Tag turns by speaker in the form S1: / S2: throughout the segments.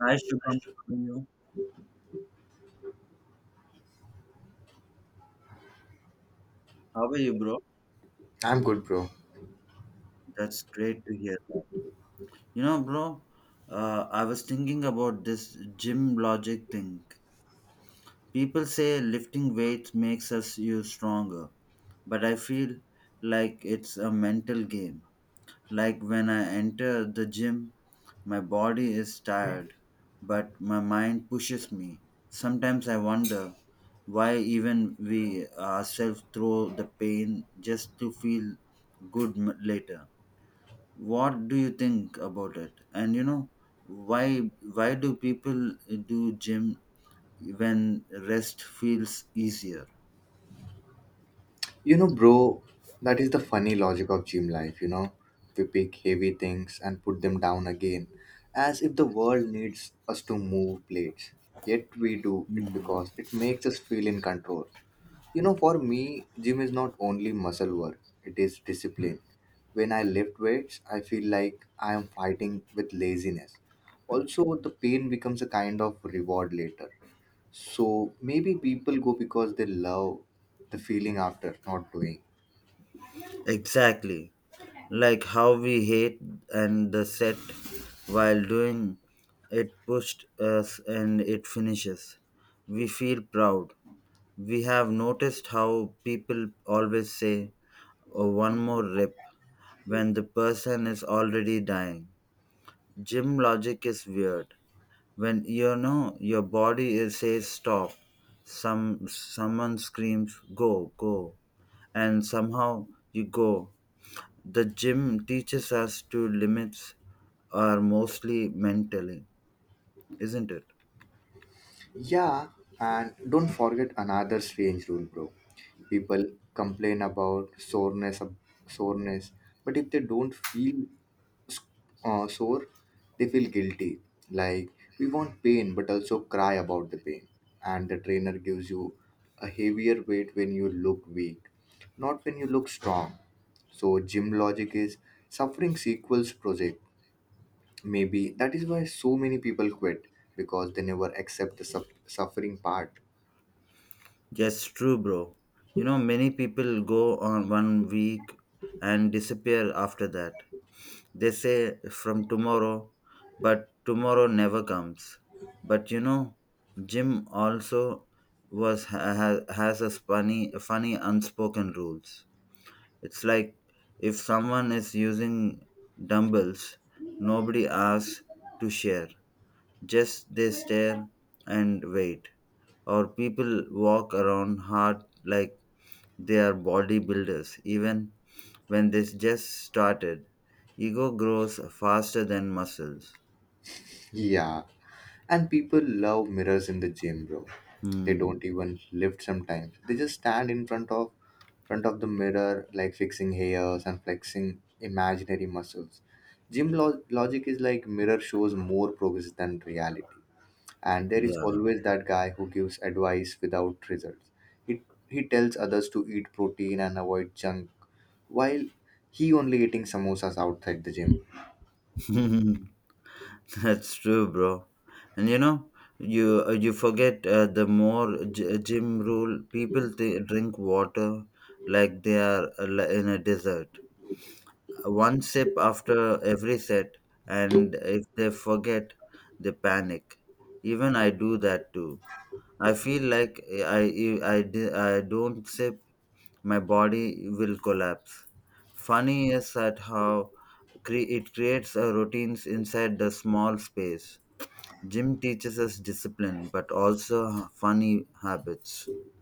S1: Hi Shubham, how are you? How are you, bro?
S2: I'm good, bro.
S1: That's great to hear that. You know, bro, I was thinking about this gym logic thing. People say lifting weights makes us you stronger, but I feel like it's a mental game. Like when I enter the gym, my body is tired, but my mind pushes me. Sometimes I wonder why even we ourselves throw the pain just to feel good later. What do you think about it? And you know, why do people do gym when rest feels easier?
S2: You know, bro, that is the funny logic of gym life, you know? We pick heavy things and put them down again, as if the world needs us to move plates. Yet we do it because it makes us feel in control. You know, for me, gym is not only muscle work, it is discipline. When I lift weights, I feel like I am fighting with laziness. Also, the pain becomes a kind of reward later. So maybe people go because they love the feeling after not doing.
S1: Exactly. Like how we hate and the set while doing it pushed us and it finishes. We feel proud. We have noticed how people always say, "Oh, one more rip" when the person is already dying. Gym logic is weird. When you know your body says stop, someone screams go go, and somehow you go. The gym teaches us to limits are mostly mentally, isn't it?
S2: Yeah, and don't forget another strange rule, bro. People complain about soreness, but if they don't feel sore, they feel guilty. Like we want pain, but also cry about the pain. And the trainer gives you a heavier weight when you look weak, not when you look strong. So gym logic is suffering sequels project. Maybe that is why so many people quit because they never accept the suffering part.
S1: Yes, true, bro. You know, many people go on one week and disappear after that. They say from tomorrow, but tomorrow never comes. But you know, gym also was ha- has a funny unspoken rules. It's like if someone is using dumbbells, nobody asks to share, just they stare and wait. Or people walk around hard like they are bodybuilders, even when they just started. Ego grows faster than muscles.
S2: Yeah, and people love mirrors in the gym, bro. They don't
S1: Hmm.
S2: even lift sometimes. They just stand in front of the mirror, like fixing hairs and flexing imaginary muscles. Gym logic is like mirror shows more progress than reality. And there is
S1: Yeah.
S2: always that guy who gives advice without results. He he tells others to eat protein and avoid junk while he only eating samosas outside the gym.
S1: That's true, bro. And you know, you forget the more gym rule. People drink water like they are in a desert. One sip after every set, and if they forget, they panic. Even I do that too. I feel like I if I don't sip, my body will collapse. Funny is that how it creates a routines inside the small space. Gym teaches us discipline, but also funny habits.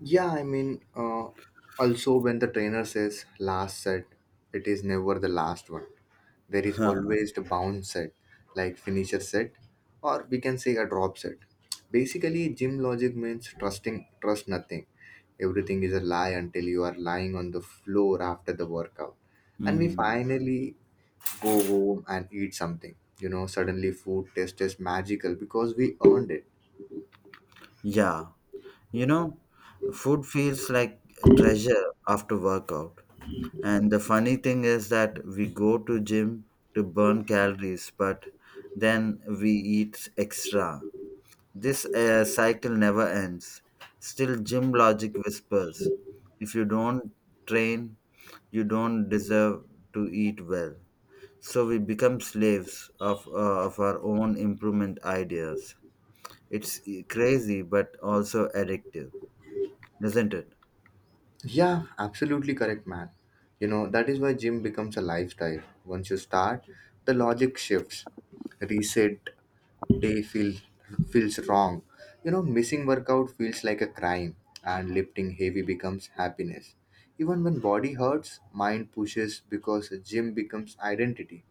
S2: Yeah, I mean, also when the trainer says last set, it is never the last one. There is
S1: Huh.
S2: always the bounce set, like finisher set, or we can say a drop set. Basically, gym logic means trust nothing. Everything is a lie until you are lying on the floor after the workout. And we
S1: Mm.
S2: finally go home and eat something. You know, suddenly food taste is magical because we earned it.
S1: Yeah, you know, food feels like treasure after workout. And the funny thing is that we go to gym to burn calories, but then we eat extra. This cycle never ends. Still, gym logic whispers, if you don't train, you don't deserve to eat well. So we become slaves of our own improvement ideas. It's crazy but also addictive, isn't it?
S2: Yeah, absolutely correct, man. You know, that is why gym becomes a lifestyle. Once you start, the logic shifts. Reset day feel, feels wrong. You know, missing workout feels like a crime, and lifting heavy becomes happiness. Even when body hurts, mind pushes because gym becomes identity.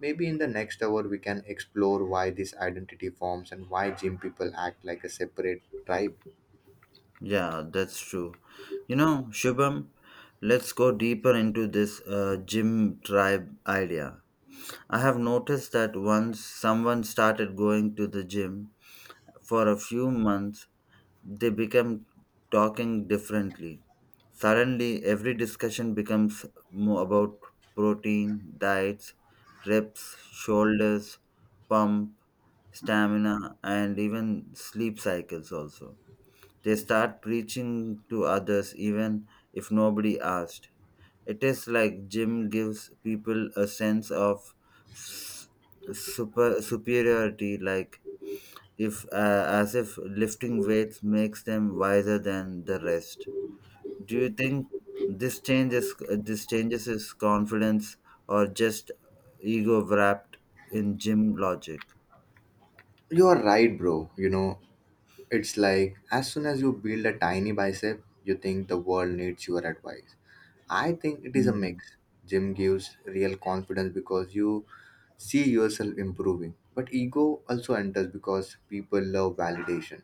S2: Maybe in the next hour we can explore why this identity forms and why gym people act like a separate tribe.
S1: Yeah, that's true. You know, Shubham, let's go deeper into this gym tribe idea. I have noticed that once someone started going to the gym for a few months, they become talking differently. Suddenly, every discussion becomes more about protein, diets, reps, shoulders, pump, stamina, and even sleep cycles. Also, they start preaching to others even if nobody asked. It is like gym gives people a sense of s- superiority, like if as if lifting weights makes them wiser than the rest. Do you think this changes his confidence or just ego wrapped in gym logic?
S2: You are right, bro. You know, it's like as soon as you build a tiny bicep, you think the world needs your advice. I think it is a
S1: Mhm.
S2: mix. Gym gives real confidence because you see yourself improving, but ego also enters because people love validation.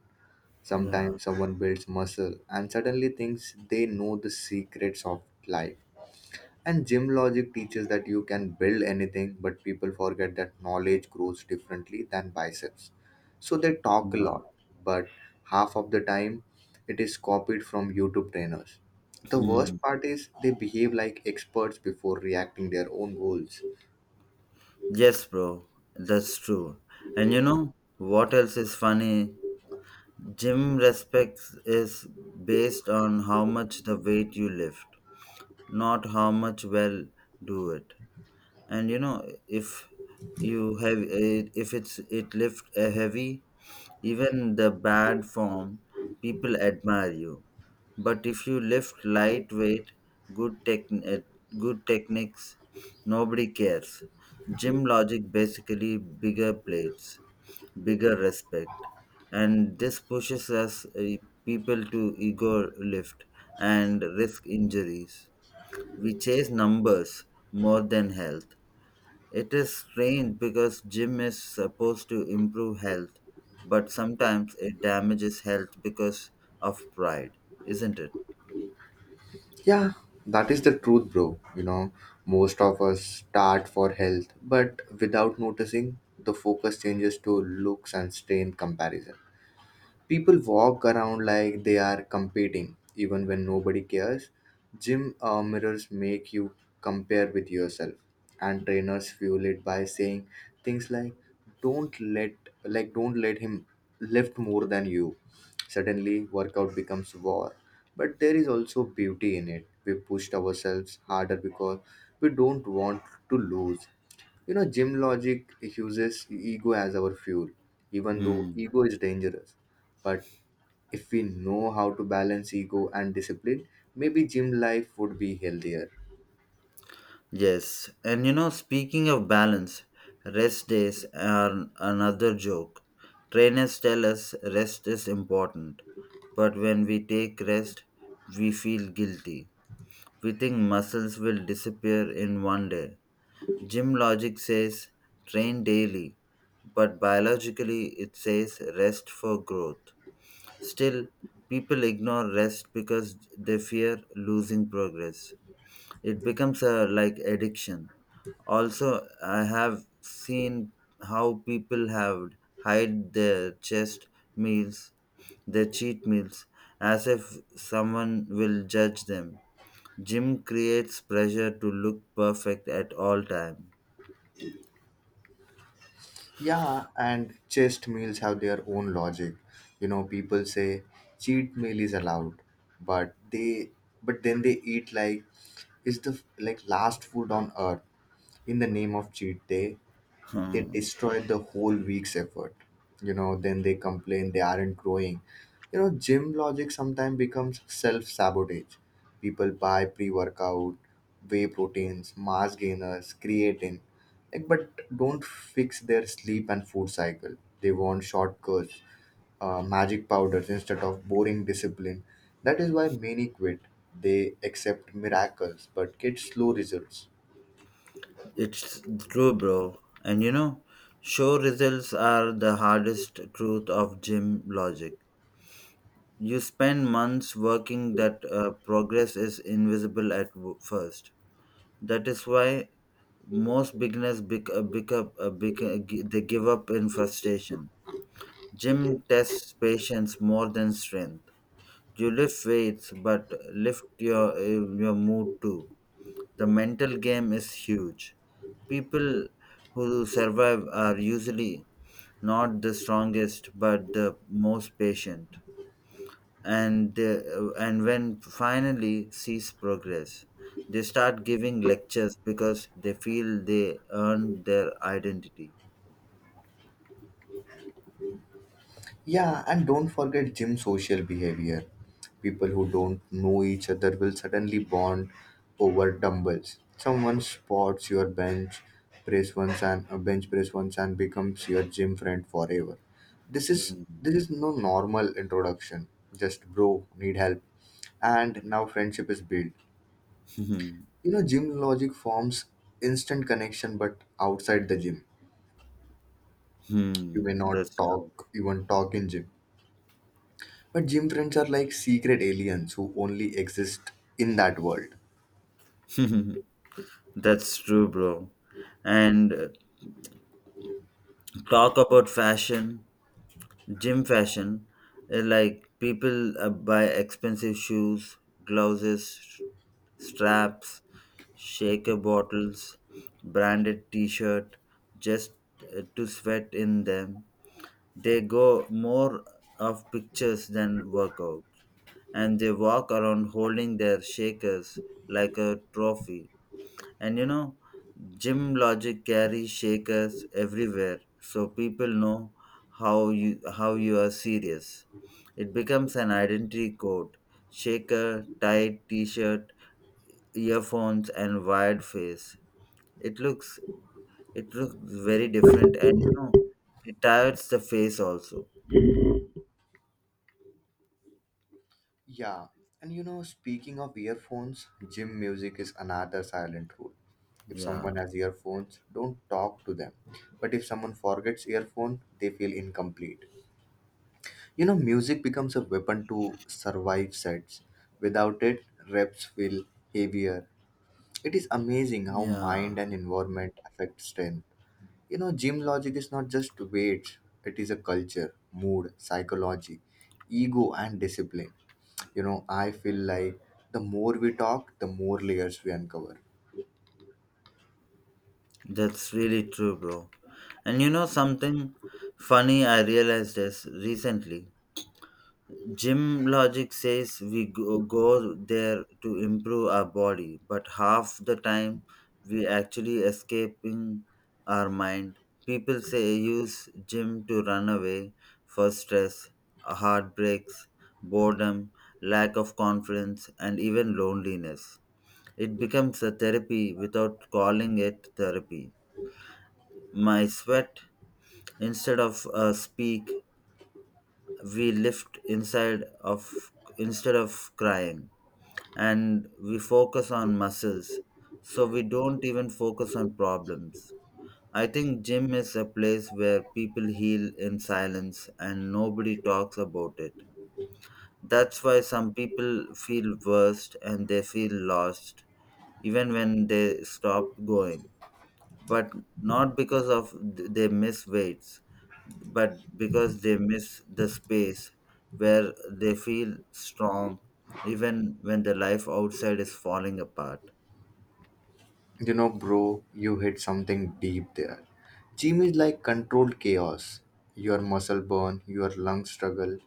S1: Yeah.
S2: Sometimes someone builds muscle and suddenly thinks they know the secrets of life. And gym logic teaches that you can build anything, but people forget that knowledge grows differently than biceps. So they talk a
S1: Yeah.
S2: lot, but half of the time it is copied from YouTube trainers. The
S1: Hmm.
S2: worst part is they behave like experts before reacting their own goals.
S1: Yes, bro, that's true. And you know what else is funny? Gym respects is based on how much the weight you lift, not how much well do it. And you know, if you have it, if it's it lift a heavy, even the bad form, people admire you. But if you lift lightweight, good tech good techniques, nobody cares. Gym logic basically bigger plates, bigger respect, and this pushes us people to ego lift and risk injuries. We chase numbers more than health. It is strange because gym is supposed to improve health, but sometimes it damages health because of pride, isn't it?
S2: Yeah, that is the truth, bro. You know, most of us start for health, but without noticing, the focus changes to looks and strain comparison. People walk around like they are competing even when nobody cares. Gym mirrors make you compare with yourself, and trainers fuel it by saying things don't let like don't let him lift more than you. Suddenly workout becomes war, but there is also beauty in it. We pushed ourselves harder because we don't want to lose. You know, gym logic uses ego as our fuel, even though
S1: Hmm.
S2: ego is dangerous. But if we know how to balance ego and discipline, maybe gym life would be healthier.
S1: Yes, and you know, speaking of balance, rest days are another joke. Trainers tell us rest is important, but when we take rest, we feel guilty. We think muscles will disappear in one day. Gym logic says train daily, but biologically it says rest for growth. Still, people ignore rest because they fear losing progress. It becomes a like addiction. Also, I have seen how people have hide meals, their cheat meals, as if someone will judge them. Gym creates pressure to look perfect at all time.
S2: Yeah, and chest meals have their own logic. You know, people say cheat meal is allowed, but they but then they eat like it's the last food on earth in the name of cheat day. They
S1: Hmm.
S2: destroyed the whole week's effort. You know, then they complain they aren't growing. You know, gym logic sometimes becomes self-sabotage. People buy pre-workout, whey proteins, mass gainers, creatine, like, but don't fix their sleep and food cycle. They want shortcuts, magic powders instead of boring discipline. That is why many quit. They accept miracles but get slow results.
S1: It's true, bro. And you know, show results are the hardest truth of gym logic. You spend months working that progress is invisible at first. That is why most beginners they give up in frustration. Gym tests patience more than strength. You lift weights, but lift your mood too. The mental game is huge. People who survive are usually not the strongest but the most patient, and when finally sees progress, they start giving lectures because they feel they earned their identity.
S2: Yeah, and don't forget gym social behavior. People who don't know each other will suddenly bond over dumbbells. Someone spots your bench press once and a bench press once and becomes your gym friend forever. This is
S1: Hmm.
S2: this is no normal introduction. Just bro, need help. And now friendship is built.
S1: Hmm.
S2: You know, gym logic forms instant connection but outside the gym. You
S1: Hmm.
S2: may not
S1: That's true.
S2: talk even talk in gym. But gym friends are like secret aliens who only exist in that world.
S1: That's true, bro. And talk about fashion. Gym fashion, like people buy expensive shoes, gloves, straps, shaker bottles, branded t-shirt just to sweat in them. They go more of pictures than workout, and they walk around holding their shakers like a trophy. And you know, Gym Logic carries shakers everywhere, so people know how you are serious. It becomes an identity code: shaker, tight t-shirt, earphones, and wired face. It looks it looks very different, and you know, it tires the face also.
S2: Yeah, and you know, speaking of earphones, gym music is another silent rule. If
S1: Yeah,
S2: someone has earphones, don't talk to them. But if someone forgets earphone, they feel incomplete. You know, music becomes a weapon to survive sets. Without it, reps feel heavier. It is amazing how mind
S1: yeah,
S2: and environment affect strength. You know, gym logic is not just weights, it is a culture, mood, psychology, ego, and discipline. You know, I feel like the more we talk, the more layers we uncover.
S1: that's really true, bro. And you know, something funny I realized is recently Gym logic says we go there to improve our body, but half the time we actually escaping our mind. People say use gym to run away for stress, heartbreaks, boredom, lack of confidence, and even loneliness. It becomes a therapy without calling it therapy. My sweat instead of speak, we lift inside of instead of crying. And we focus on muscles. So we don't even focus on problems. I think gym is a place where people heal in silence and nobody talks about it. That's why some people feel worst and they feel lost even when they stop going, but not because of they miss weights, but because they miss the space where they feel strong even when the life outside is falling apart.
S2: You know, bro, you hit something deep there. Gym is like controlled chaos. Your muscle burn, your lungs struggle,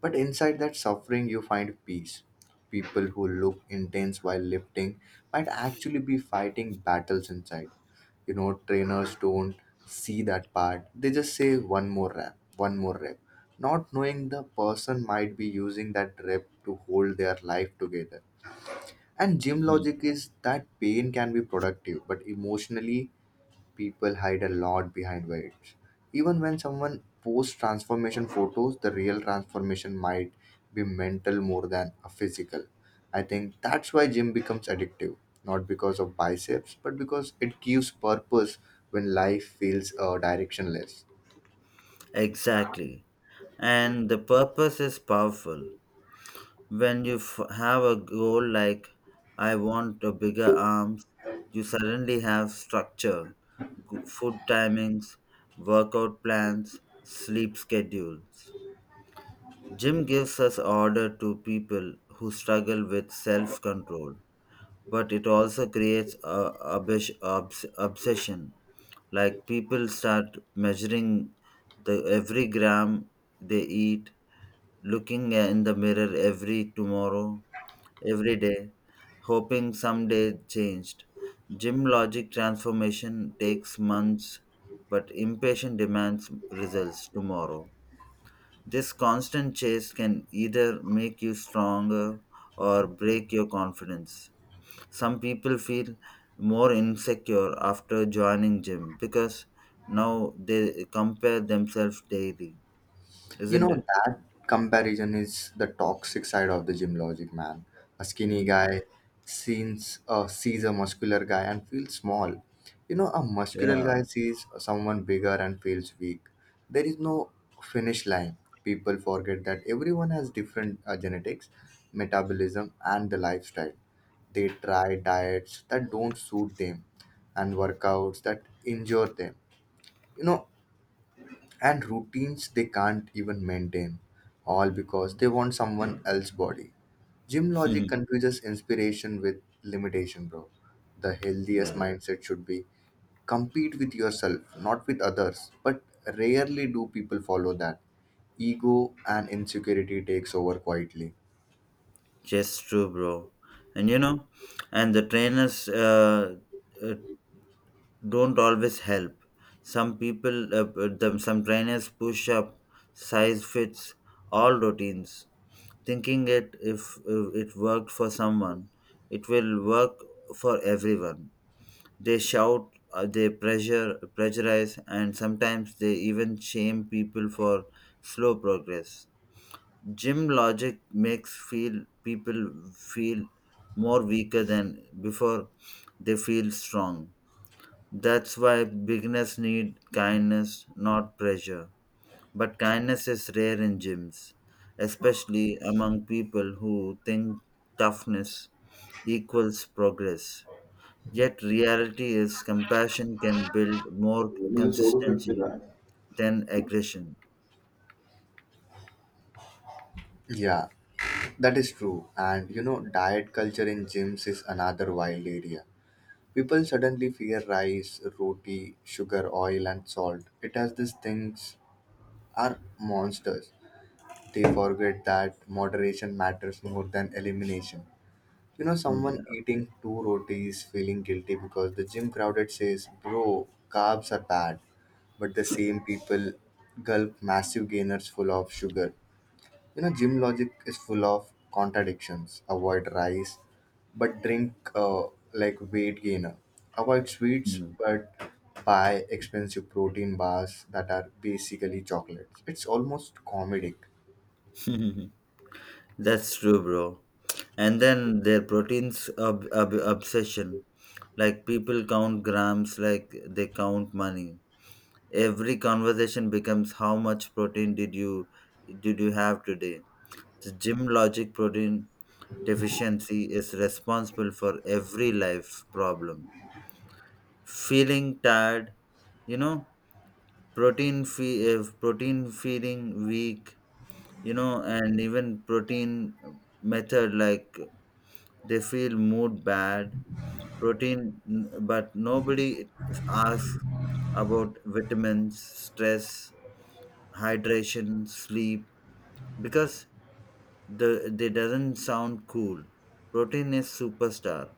S2: but inside that suffering, you find peace. People who look intense while lifting might actually be fighting battles inside. You know, trainers don't see that part. They just say one more rep one more rep, not knowing the person might be using that rep to hold their life together. And gym
S1: Hmm.
S2: logic is that pain can be productive, but emotionally people hide a lot behind weights. Even when someone posts transformation photos, the real transformation might be mental more than a physical. I think that's why gym becomes addictive, not because of biceps, but because it gives purpose when life feels directionless.
S1: Exactly. And the purpose is powerful. When you have a goal like I want a bigger arms, you suddenly have structure, food timings, workout plans, sleep schedules. Jim gives us order to people who struggle with self-control, but it also creates a obsession. Like people start measuring the every gram they eat, looking in the mirror every day, hoping someday changed. Gym logic transformation takes months, but impatient demands results tomorrow. This constant chase can either make you stronger or break your confidence. Some people feel more insecure after joining gym because now they compare themselves daily,
S2: You
S1: isn't
S2: know,
S1: it?
S2: that comparison is the toxic side of the gym logic, man. A skinny
S1: Mm,
S2: guy sees a muscular guy and feels small. You know, a muscular guy
S1: yeah.
S2: sees someone bigger and feels weak. There is no finish line. People forget that everyone has different genetics, metabolism, and the lifestyle. They try diets that don't suit them and workouts that injure them. You know, and routines they can't even maintain, all because they want someone else's body. Gym logic confuses inspiration with limitation, bro. The healthiest
S1: Yeah.
S2: mindset should be compete with yourself, not with others. But rarely do people follow that. Ego and insecurity takes over quietly.
S1: Just true, bro. And you know, and the trainers uh, don't always help. Some some trainers push up, size fits, all routines, thinking it if it worked for someone, it will work for everyone. They shout, they pressure pressurize, and sometimes they even shame people for slow progress. Gym logic makes feel people feel more weaker than before they feel strong. That's why beginners need kindness, not pressure. But kindness is rare in gyms, especially among people who think toughness equals progress. Yet, reality is compassion can build more consistency than aggression.
S2: Yeah, that is true. And you know, diet culture in gyms is another wild area. People suddenly fear rice, roti, sugar, oil, and salt. It has these things are monsters. They forget that moderation matters more than elimination. You know, someone
S1: Yeah.
S2: eating two rotis feeling guilty because the gym crowded says, "Bro, carbs are bad." But the same people gulp massive gainers full of sugar. You know, gym logic is full of contradictions. Avoid rice, but drink like weight gainer. Avoid sweets,
S1: Hmm.
S2: but buy expensive protein bars that are basically chocolates. It's almost comedic.
S1: That's true, bro. And then their proteins obsession. Like people count grams like they count money. Every conversation becomes how much protein did you have today? The gym logic protein deficiency is responsible for every life problem. Feeling tired, you know, protein protein feeling weak, you know, and even protein method like they feel mood bad. Protein, but nobody asks about vitamins, stress, hydration, sleep because they doesn't sound cool. Protein is superstar.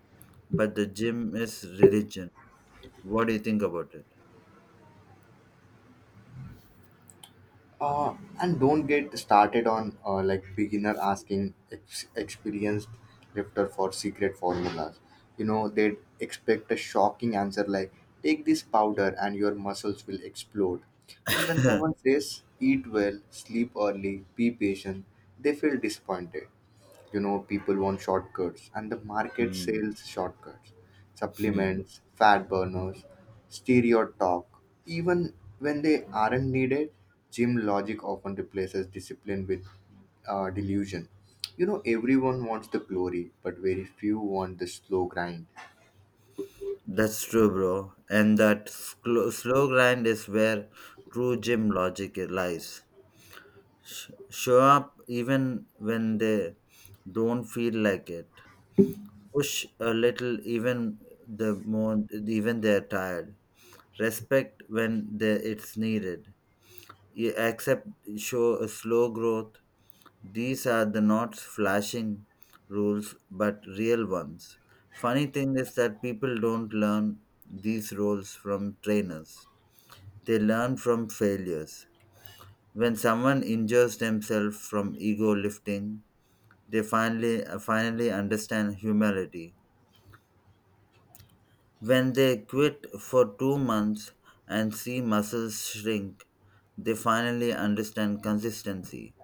S1: But the gym is religion. What do you think about
S2: uh, and don't get started on like beginner asking experienced lifter for secret formulas. You know, they expect a shocking answer like take this powder and your muscles will explode. But when
S1: it?
S2: someone says eat well, sleep early, be patient, they feel disappointed. You know, people want shortcuts and the market
S1: Hmm,
S2: sells shortcuts,
S1: hmm.
S2: supplements, fat burners, stereo talk even when they aren't needed. Gym logic often replaces discipline with delusion. You know, everyone wants the glory but very few want the slow grind.
S1: That's true, bro. And that slow grind is where true gym logic lies. Show up even when they don't feel like it. Push a little even the more even they're tired. Respect when they, it's needed. You accept show a slow growth. These are the not flashing rules but real ones. Funny thing is that people don't learn these rules from trainers. They learn from failures. When someone injures themselves from ego lifting, they finally understand humility. When they quit for 2 months and see muscles shrink, they finally understand consistency.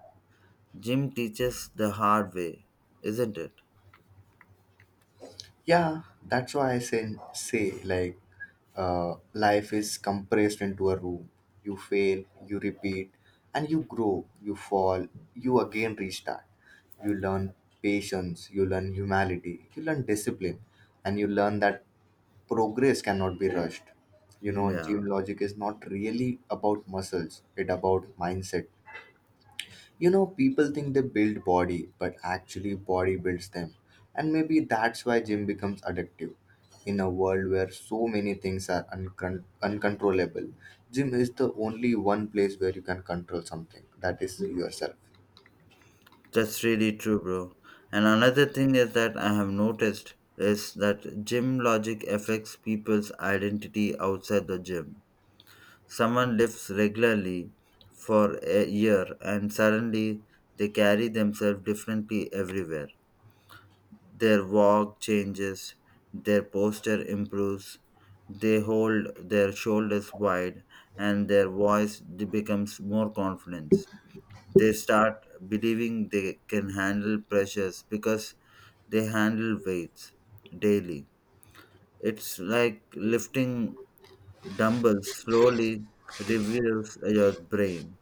S1: Gym teaches the hard way, isn't it?
S2: Yeah, that's why I say like life is compressed into a room. You fail, you repeat, and you grow, you fall, you again restart. You learn patience, you learn humility, you learn discipline, and you learn that progress cannot be rushed. You
S1: Hmm,
S2: know,
S1: yeah.
S2: gym logic is not really about muscles, it about mindset. You know, people think they build body, but actually body builds them. And maybe that's why gym becomes addictive. In a world where so many things are uncontrollable, gym is the only one place where you can control something. That is yourself.
S1: That's really true, bro. And another thing is that I have noticed is that gym logic affects people's identity outside the gym. Someone lifts regularly for a year and suddenly they carry themselves differently everywhere. Their walk changes, their posture improves, they hold their shoulders wide, and their voice becomes more confident. They start believing they can handle pressures because they handle weights daily. It's like lifting dumbbells slowly reveals your brain.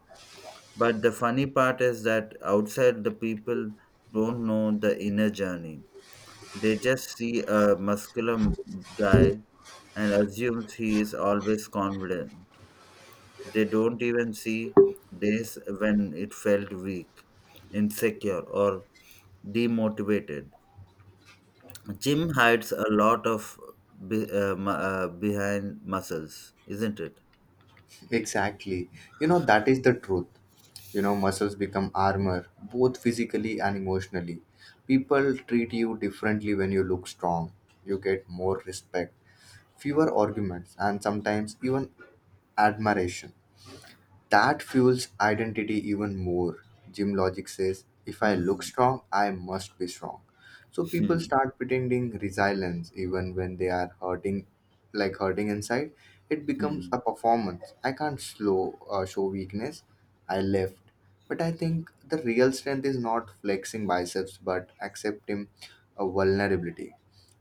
S1: But the funny part is that outside the people don't know the inner journey. They just see a muscular guy and assumes he is always confident. They don't even see days when it felt weak, insecure, or demotivated. Gym hides a lot of behind muscles, isn't it?
S2: Exactly. You know, that is the truth. You know, muscles become armor, both physically and emotionally. People treat you differently when you look strong. You get more respect, fewer arguments, and sometimes even admiration. That fuels identity even more. Gym logic says, if I look
S1: Hmm.
S2: strong, I must be strong. So people
S1: Hmm.
S2: start pretending resilience even when they are hurting, like hurting inside. It becomes
S1: Hmm.
S2: a performance. I can't slow show weakness. I left. But I think the real strength is not flexing biceps, but accepting a vulnerability.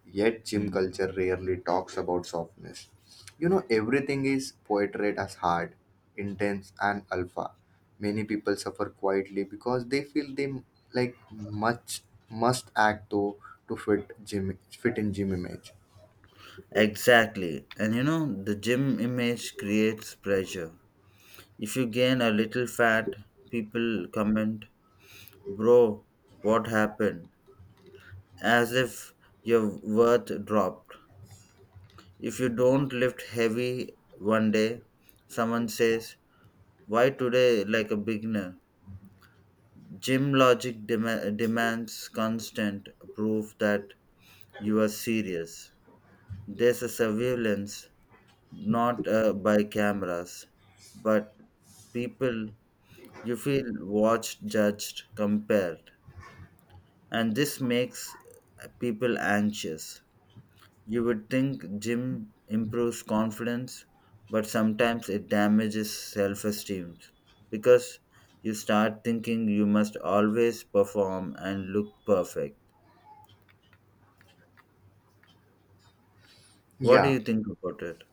S2: Yet gym
S1: Hmm.
S2: culture rarely talks about softness. You know, everything is portrayed as hard, intense, and alpha. Many people suffer quietly because they feel they like much must act though to fit in gym image.
S1: Exactly. And you know, the gym image creates pressure. If you gain a little fat, people comment, "Bro, what happened?" As if your worth dropped. If you don't lift heavy one day, someone says, "Why today like a beginner?" Gym logic demands constant proof that you are serious. There's a surveillance, not by cameras, but people, you feel watched, judged, compared. And this makes people anxious. You would think gym improves confidence, but sometimes it damages self esteem because you start thinking you must always perform and look perfect. What do
S2: Yeah,
S1: you think about it?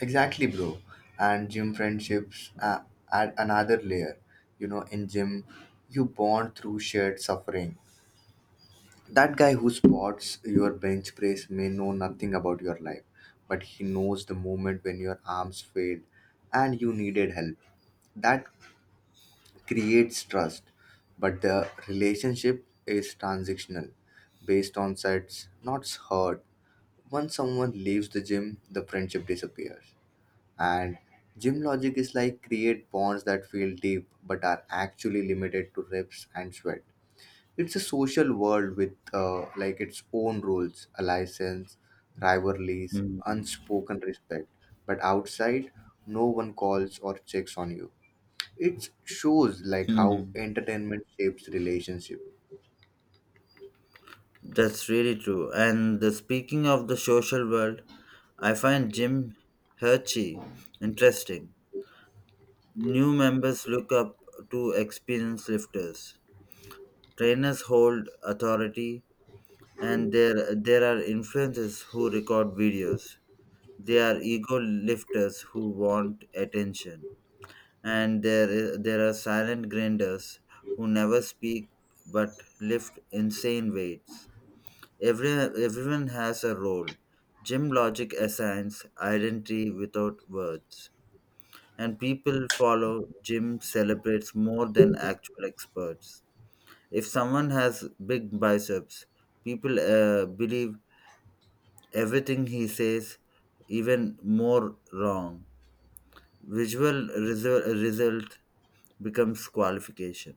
S2: exactly, bro. And gym friendships add another layer. You know, in gym, you bond through shared suffering. That guy who spots your bench press may know nothing about your life, but he knows the moment when your arms failed and you needed help. That creates trust, but the relationship is transactional, based on sets, not hurt. Once someone leaves the gym, the friendship disappears. And gym logic is like create bonds that feel deep but are actually limited to reps and sweat. It's a social world with like its own rules, a license, rivalries,
S1: Mhm.
S2: unspoken respect. But outside, no one calls or checks on you. It shows like how
S1: Mhm.
S2: entertainment shapes relationship.
S1: That's really true. And speaking of the social world, I find Jim Hershey interesting. New members look up to experienced lifters. Trainers hold authority, and there are influencers who record videos. They are ego lifters who want attention. And there there are silent grinders who never speak but lift insane weights. Everyone has a role. Gym logic assigns identity without words, and people follow gym celebrates more than actual experts. If someone has big biceps, people believe everything he says, even more wrong. Visual result becomes qualification.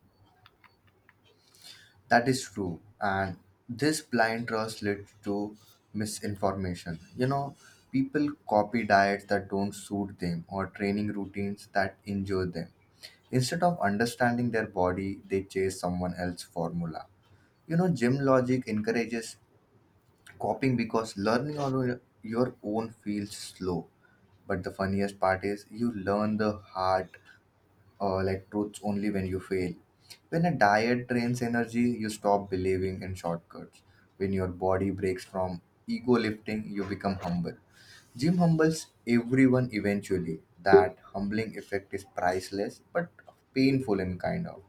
S2: That is true, and this blind trust leads to misinformation. You know, people copy diets that don't suit them or training routines that injure them. Instead of understanding their body, they chase someone else's formula. You know, gym logic encourages copying because learning on your own feels slow. But the funniest part is you learn the hard like truths only when you fail. When a diet drains energy, you stop believing in shortcuts. When your body breaks from ego lifting, you become humble. Gym humbles everyone eventually. That humbling effect is priceless but painful in kind of.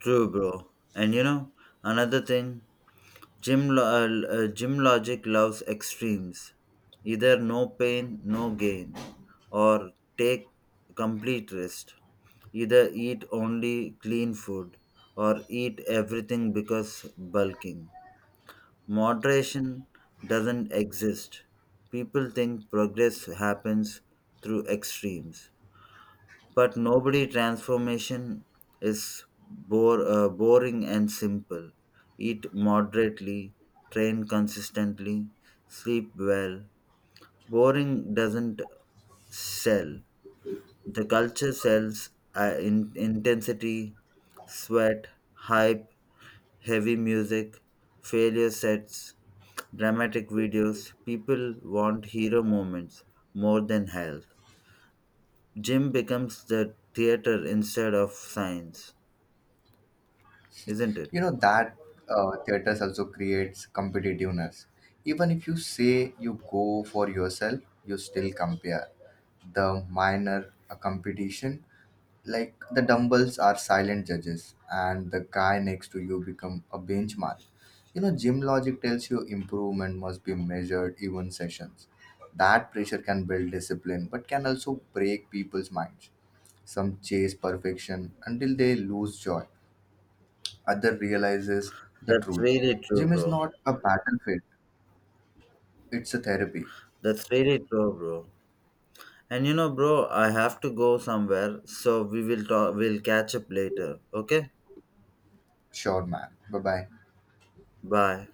S1: True, bro. And you know, another thing, gym logic loves extremes. Either no pain, no gain, or take complete rest. Either eat only clean food or eat everything because bulking. Moderation doesn't exist. People think progress happens through extremes. But nobody transformation is boring and simple. Eat moderately, train consistently, sleep well. Boring doesn't sell. The culture sells intensity, sweat, hype, heavy music, failure sets, dramatic videos. People want hero moments more than health. Gym becomes the theater instead of science, isn't it?
S2: You know that theaters also creates competitiveness even if you say you go for yourself. You still compare, the minor a competition, like the dumbbells are silent judges and the guy next to you become a benchmark. You know, gym logic tells you improvement must be measured even sessions. That pressure can build discipline but can also break people's minds. Some chase perfection until they lose joy, other realizes the
S1: That's
S2: truth.
S1: really true,
S2: Gym is
S1: bro.
S2: not a battlefield, it's a therapy.
S1: That's really true, bro. And you know, bro, I have to go somewhere, so we will talk. We'll catch up later. Okay.
S2: Sure, man. Bye bye.
S1: Bye.